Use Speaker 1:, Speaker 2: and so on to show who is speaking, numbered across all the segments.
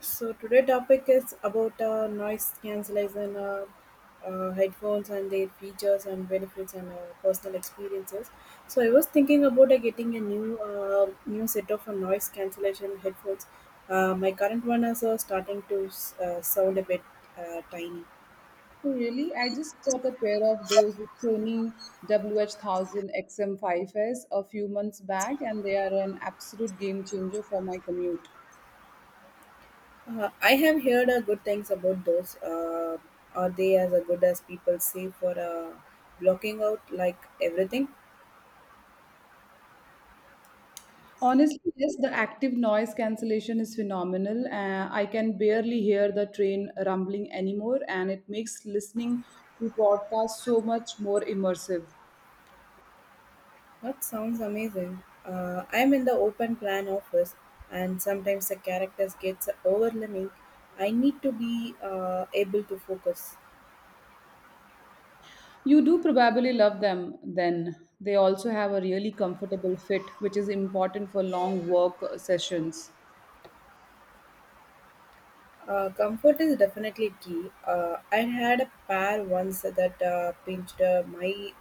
Speaker 1: So today topic is about noise cancellation headphones and their features and benefits and personal experiences. So I was thinking about getting a new set of noise cancellation headphones. My current one is starting to sound a bit tiny.
Speaker 2: Oh, really? I just got a pair of those Sony WH1000XM5S a few months back, and they are an absolute game changer for my commute.
Speaker 1: I have heard good things about those. Are they as good as people say for blocking out like everything?
Speaker 2: Honestly, yes, the active noise cancellation is phenomenal. I can barely hear the train rumbling anymore, and it makes listening to podcasts so much more immersive.
Speaker 1: That sounds amazing. I'm in the open plan office, and sometimes the characters gets overwhelming. I need to be able to focus.
Speaker 2: You do probably love them then. They also have a really comfortable fit, which is important for long work sessions.
Speaker 1: Comfort is definitely key. I had a pair once that pinched my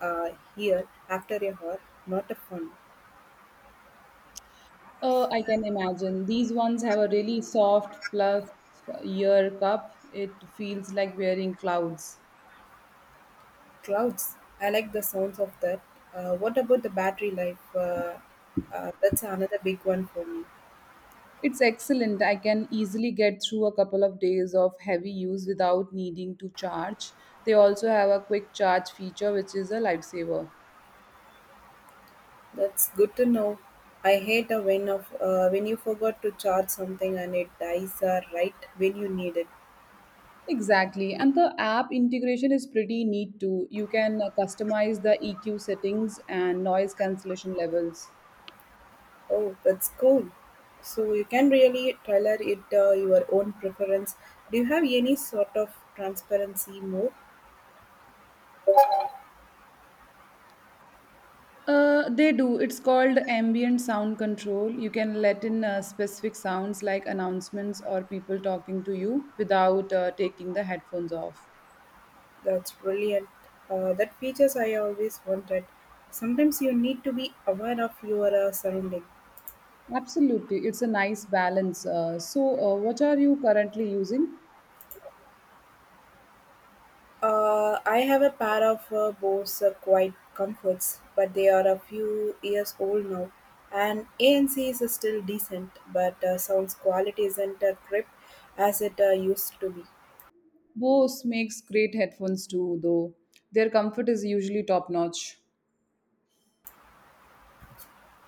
Speaker 1: uh, ear after a hour. Not a fun.
Speaker 2: I can imagine. These ones have a really soft plus ear cup. It feels like wearing clouds.
Speaker 1: Clouds. I like the sounds of that. What about the battery life? That's another big one for me.
Speaker 2: It's excellent. I can easily get through a couple of days of heavy use without needing to charge. They also have a quick charge feature, which is a lifesaver.
Speaker 1: That's good to know. I hate a when of when you forgot to charge something and it dies right when you need it.
Speaker 2: Exactly. And the app integration is pretty neat too. You can customize the EQ settings and noise cancellation levels.
Speaker 1: Oh, that's cool. So you can really tailor it your own preference. Do you have any sort of transparency mode?
Speaker 2: They do. It's called ambient sound control. You can let in specific sounds like announcements or people talking to you without taking the headphones off.
Speaker 1: That's brilliant. That features I always wanted. Sometimes you need to be aware of your surrounding.
Speaker 2: Absolutely. It's a nice balance. So what are you currently using?
Speaker 1: I have a pair of Bose Quiet Comforts, but they are a few years old now. And ANC is still decent, but sounds quality isn't a trip as it used to be.
Speaker 2: Bose makes great headphones too, though. Their comfort is usually top notch.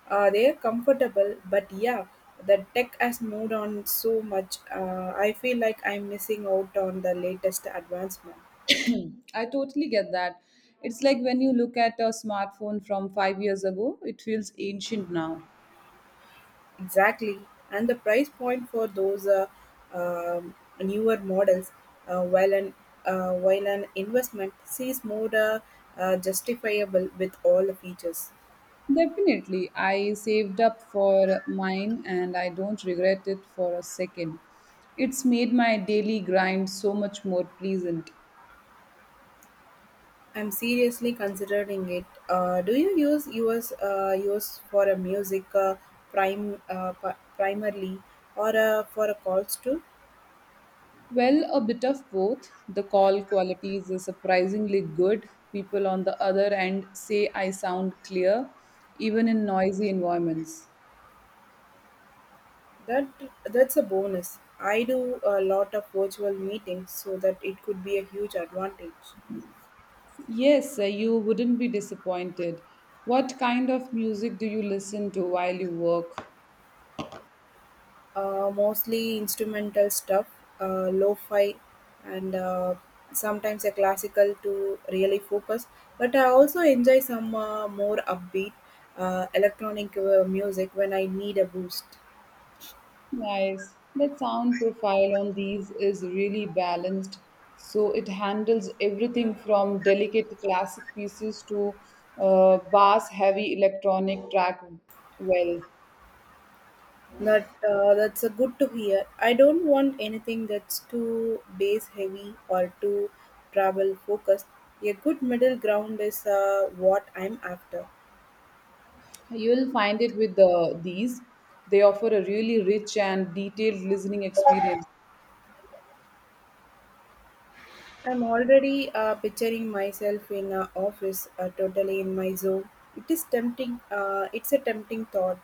Speaker 1: They are comfortable, but yeah, the tech has moved on so much. I feel like I'm missing out on the latest advancement.
Speaker 2: I totally get that. It's like when you look at a smartphone from 5 years ago, it feels ancient now.
Speaker 1: Exactly, and the price point for those um, newer models, uh, while an while an investment sees more justifiable with all the features.
Speaker 2: Definitely. I saved up for mine and I don't regret it for a second. It's made my daily grind so much more pleasant.
Speaker 1: I'm seriously considering it. Do you use yours for a music primarily or for a calls too?
Speaker 2: Well, a bit of both. The call quality is surprisingly good. People on the other end say I sound clear, even in noisy environments.
Speaker 1: That that's a bonus. I do a lot of virtual meetings, so that it could be a huge advantage.
Speaker 2: Yes, you wouldn't be disappointed. What kind of music do you listen to while you work?
Speaker 1: Mostly instrumental stuff, lo-fi, and sometimes a classical to really focus. But I also enjoy some more upbeat electronic music when I need a boost.
Speaker 2: Nice. That sound profile on these is really balanced. So it handles everything from delicate classic pieces to bass heavy electronic track well.
Speaker 1: That's a good to hear. I don't want anything that's too bass heavy or too travel focused. A good middle ground is what I'm after.
Speaker 2: You'll find it with these. They offer a really rich and detailed listening experience.
Speaker 1: I'm already picturing myself in a office, totally in my zone. It is tempting. It's a tempting thought.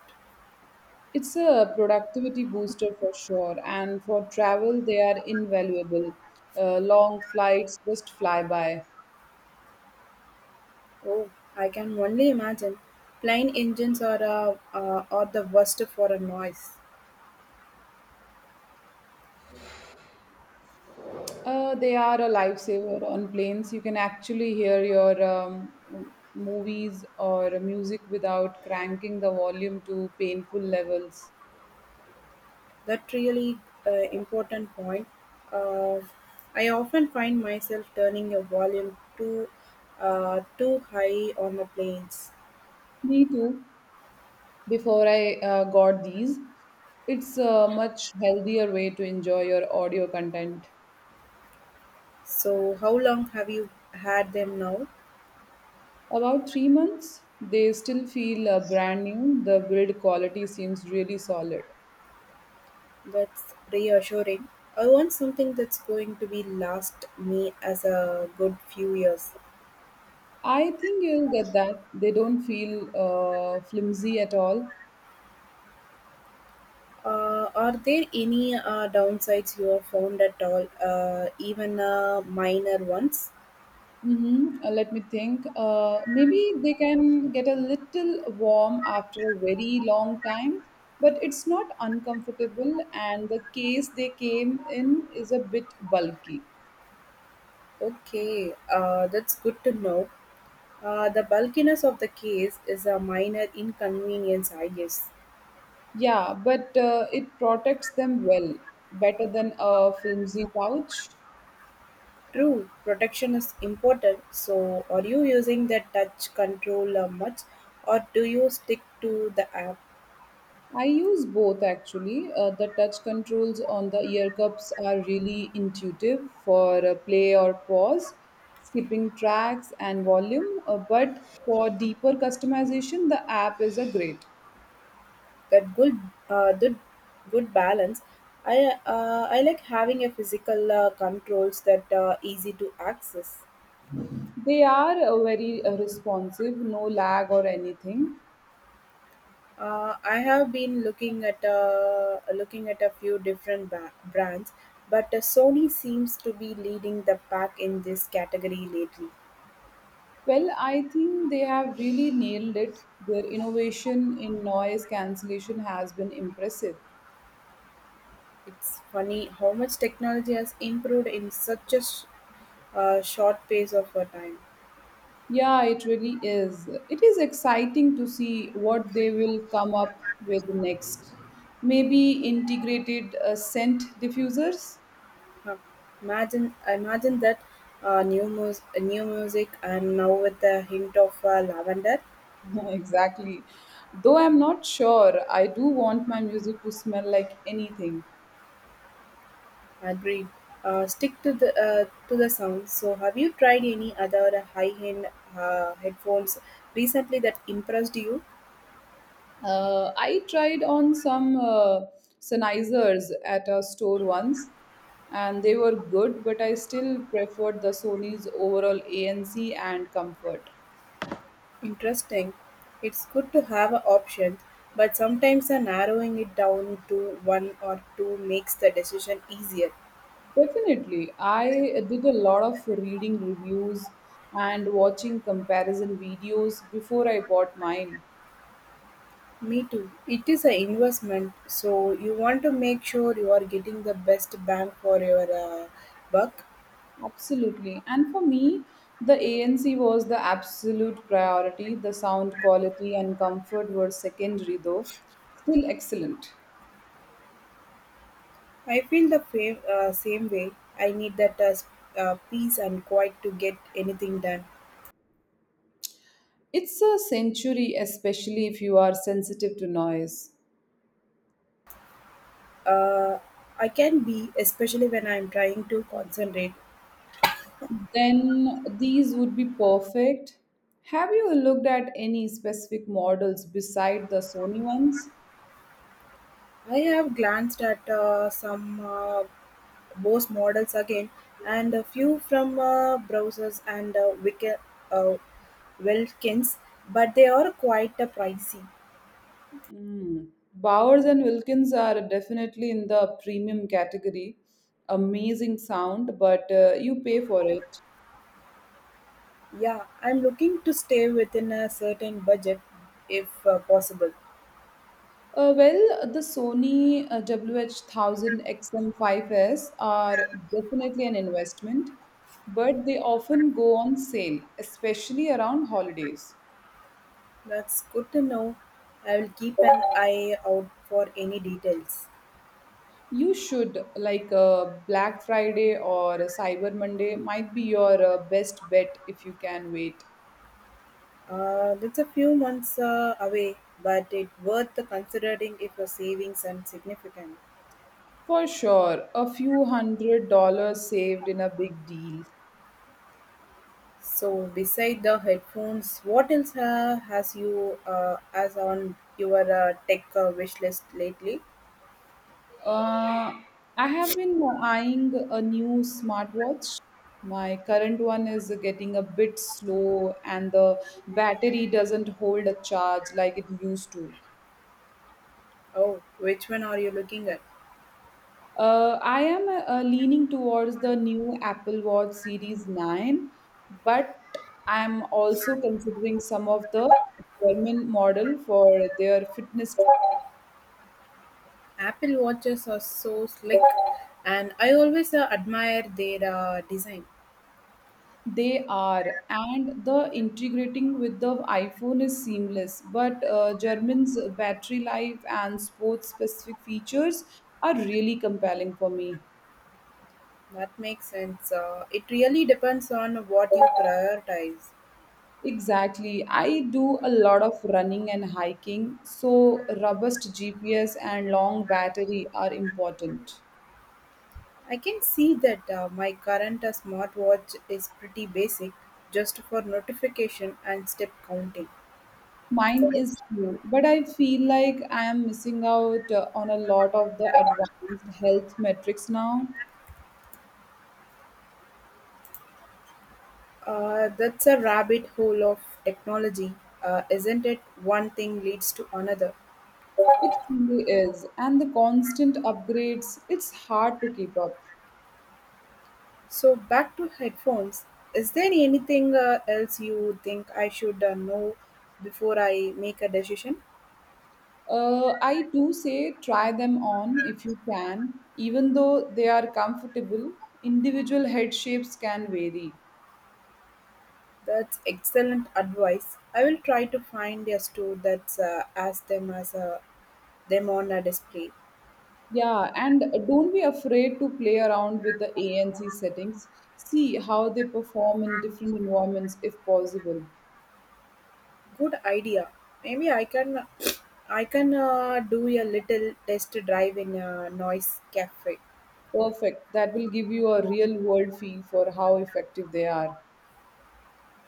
Speaker 2: It's a productivity booster for sure, and for travel, they are invaluable. Long flights just fly by.
Speaker 1: Oh, I can only imagine. Plane engines are the worst for a noise.
Speaker 2: They are a lifesaver on planes. You can actually hear your movies or music without cranking the volume to painful levels.
Speaker 1: That really important point. Uh, I often find myself turning a volume too high on the planes.
Speaker 2: Me too. Before I got these, it's a much healthier way to enjoy your audio content.
Speaker 1: So, how long have you had them now?
Speaker 2: About 3 months, they still feel brand new. The build quality seems really solid.
Speaker 1: That's reassuring. I want something that's going to be last me as a good few years.
Speaker 2: I think you'll get that. They don't feel flimsy at all.
Speaker 1: Are there any downsides you have found at all, even minor ones?
Speaker 2: Mhm. Let me think. Maybe they can get a little warm after a very long time, but it's not uncomfortable, and the case they came in is a bit bulky.
Speaker 1: Okay, that's good to know. The bulkiness of the case is a minor inconvenience, I guess.
Speaker 2: Yeah, but it protects them well, better than a flimsy pouch.
Speaker 1: True, protection is important. So, are you using the touch controller much, or do you stick to the app?
Speaker 2: I use both actually. The touch controls on the ear cups are really intuitive for play or pause, skipping tracks and volume. But for deeper customization, the app is a great.
Speaker 1: that good uh, good, good balance. I uh, i like having a physical controls that easy to access.
Speaker 2: They are very responsive, no lag or anything.
Speaker 1: I have been looking at a few different brands, but Sony seems to be leading the pack in this category lately.
Speaker 2: Well, I think they have really nailed it. Their innovation in noise cancellation has been impressive.
Speaker 1: It's funny how much technology has improved in such a short pace of a time.
Speaker 2: Yeah, it really is. It is exciting to see what they will come up with next. Maybe integrated scent diffusers?
Speaker 1: Huh, imagine that new music and now with a hint of lavender.
Speaker 2: Exactly. Though I'm not sure, I do want my music to smell like anything.
Speaker 1: Agreed. Stick to the sound. So, have you tried any other high-end headphones recently that impressed you?
Speaker 2: I tried on some Sennheisers at a store once, and they were good, but I still preferred the Sony's overall ANC and comfort.
Speaker 1: Interesting. It's good to have an option, but sometimes narrowing it down to one or two makes the decision easier.
Speaker 2: Definitely. I did a lot of reading reviews and watching comparison videos before I bought mine.
Speaker 1: Me too. It is an investment, so you want to make sure you are getting the best bang for your buck.
Speaker 2: Absolutely. And for me, the ANC was the absolute priority. The sound quality and comfort were secondary, though. Still excellent.
Speaker 1: I feel the same way. I need that peace and quiet to get anything done.
Speaker 2: It's a century, especially if you are sensitive to noise.
Speaker 1: Uh, I can be, especially when I am trying to concentrate.
Speaker 2: Then these would be perfect. Have you looked at any specific models beside the Sony ones?
Speaker 1: I have glanced at some Bose models again and a few from browsers and uh, Wilkins, but they are quite pricey.
Speaker 2: Mm. Bowers and Wilkins are definitely in the premium category. Amazing sound, but you pay for it.
Speaker 1: Yeah, I'm looking to stay within a certain budget if possible.
Speaker 2: Well, the Sony WH-1000XM5S are definitely an investment, but they often go on sale, especially around holidays.
Speaker 1: That's good to know. I will keep an eye out for any details.
Speaker 2: You should, like Black Friday or Cyber Monday, might be your best bet if you can wait.
Speaker 1: That's a few months away, but it's worth considering if your savings are significant.
Speaker 2: For sure, a few hundred dollars saved in a big deal.
Speaker 1: So, beside the headphones, what else has you as on your tech wish list lately?
Speaker 2: Uh, I have been eyeing a new smartwatch. My current one is getting a bit slow, and the battery doesn't hold a charge like it used to.
Speaker 1: Oh, which one are you looking at?
Speaker 2: I am leaning towards the new Apple Watch Series 9, but I'm also considering some of the German model for their fitness.
Speaker 1: Apple watches are so slick, and I always admire their design.
Speaker 2: They are, and the integrating with the iPhone is seamless. But German's battery life and sports specific features are really compelling for me.
Speaker 1: That makes sense. It really depends on what you prioritize.
Speaker 2: Exactly. I do a lot of running and hiking, so robust GPS and long battery are important.
Speaker 1: I can see that my current smartwatch is pretty basic, just for notification and step counting.
Speaker 2: Mine is too, but I feel like I am missing out on a lot of the advanced health metrics now.
Speaker 1: That's a rabbit hole of technology, isn't it? One thing leads to another.
Speaker 2: It truly is, and the constant upgrades, it's hard to keep up.
Speaker 1: So back to headphones. Is there anything else you think I should know before I make a decision?
Speaker 2: I do say try them on if you can, even though they are comfortable, individual head shapes can vary.
Speaker 1: That's excellent advice. I will try to find a store that's as them as a them on a display.
Speaker 2: Yeah, and don't be afraid to play around with the ANC settings. See how they perform in different environments if possible.
Speaker 1: Good idea. Maybe I can do a little test drive in a noise cafe.
Speaker 2: Perfect. That will give you a real world feel for how effective they are.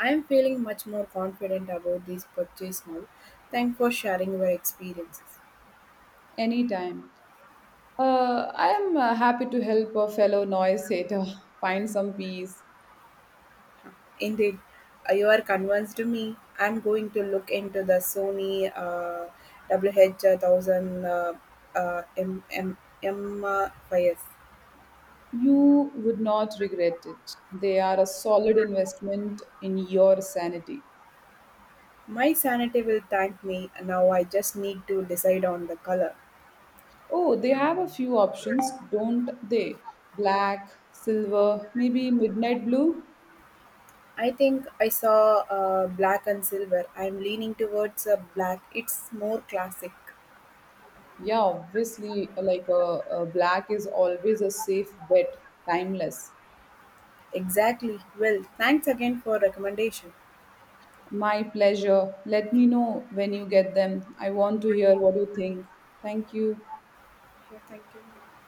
Speaker 1: I am feeling much more confident about this purchase now. Thanks for sharing your experiences.
Speaker 2: Anytime. I am happy to help a fellow noise hater find some peace.
Speaker 1: Indeed, you are convinced me. I'm going to look into the Sony WH-1000 uh, uh, M- M- fires.
Speaker 2: You would not regret it. They are a solid investment in your sanity.
Speaker 1: My sanity will thank me. Now I just need to decide on the color.
Speaker 2: Oh, they have a few options, don't they? Black, silver, maybe midnight blue?
Speaker 1: I think I saw black and silver. I'm leaning towards black. It's more classic.
Speaker 2: Yeah, obviously, like a black is always a safe bet, timeless.
Speaker 1: Exactly. Well, thanks again for recommendation.
Speaker 2: My pleasure. Let me know when you get them. I want to hear what you think. Thank you.
Speaker 1: Yeah, thank you.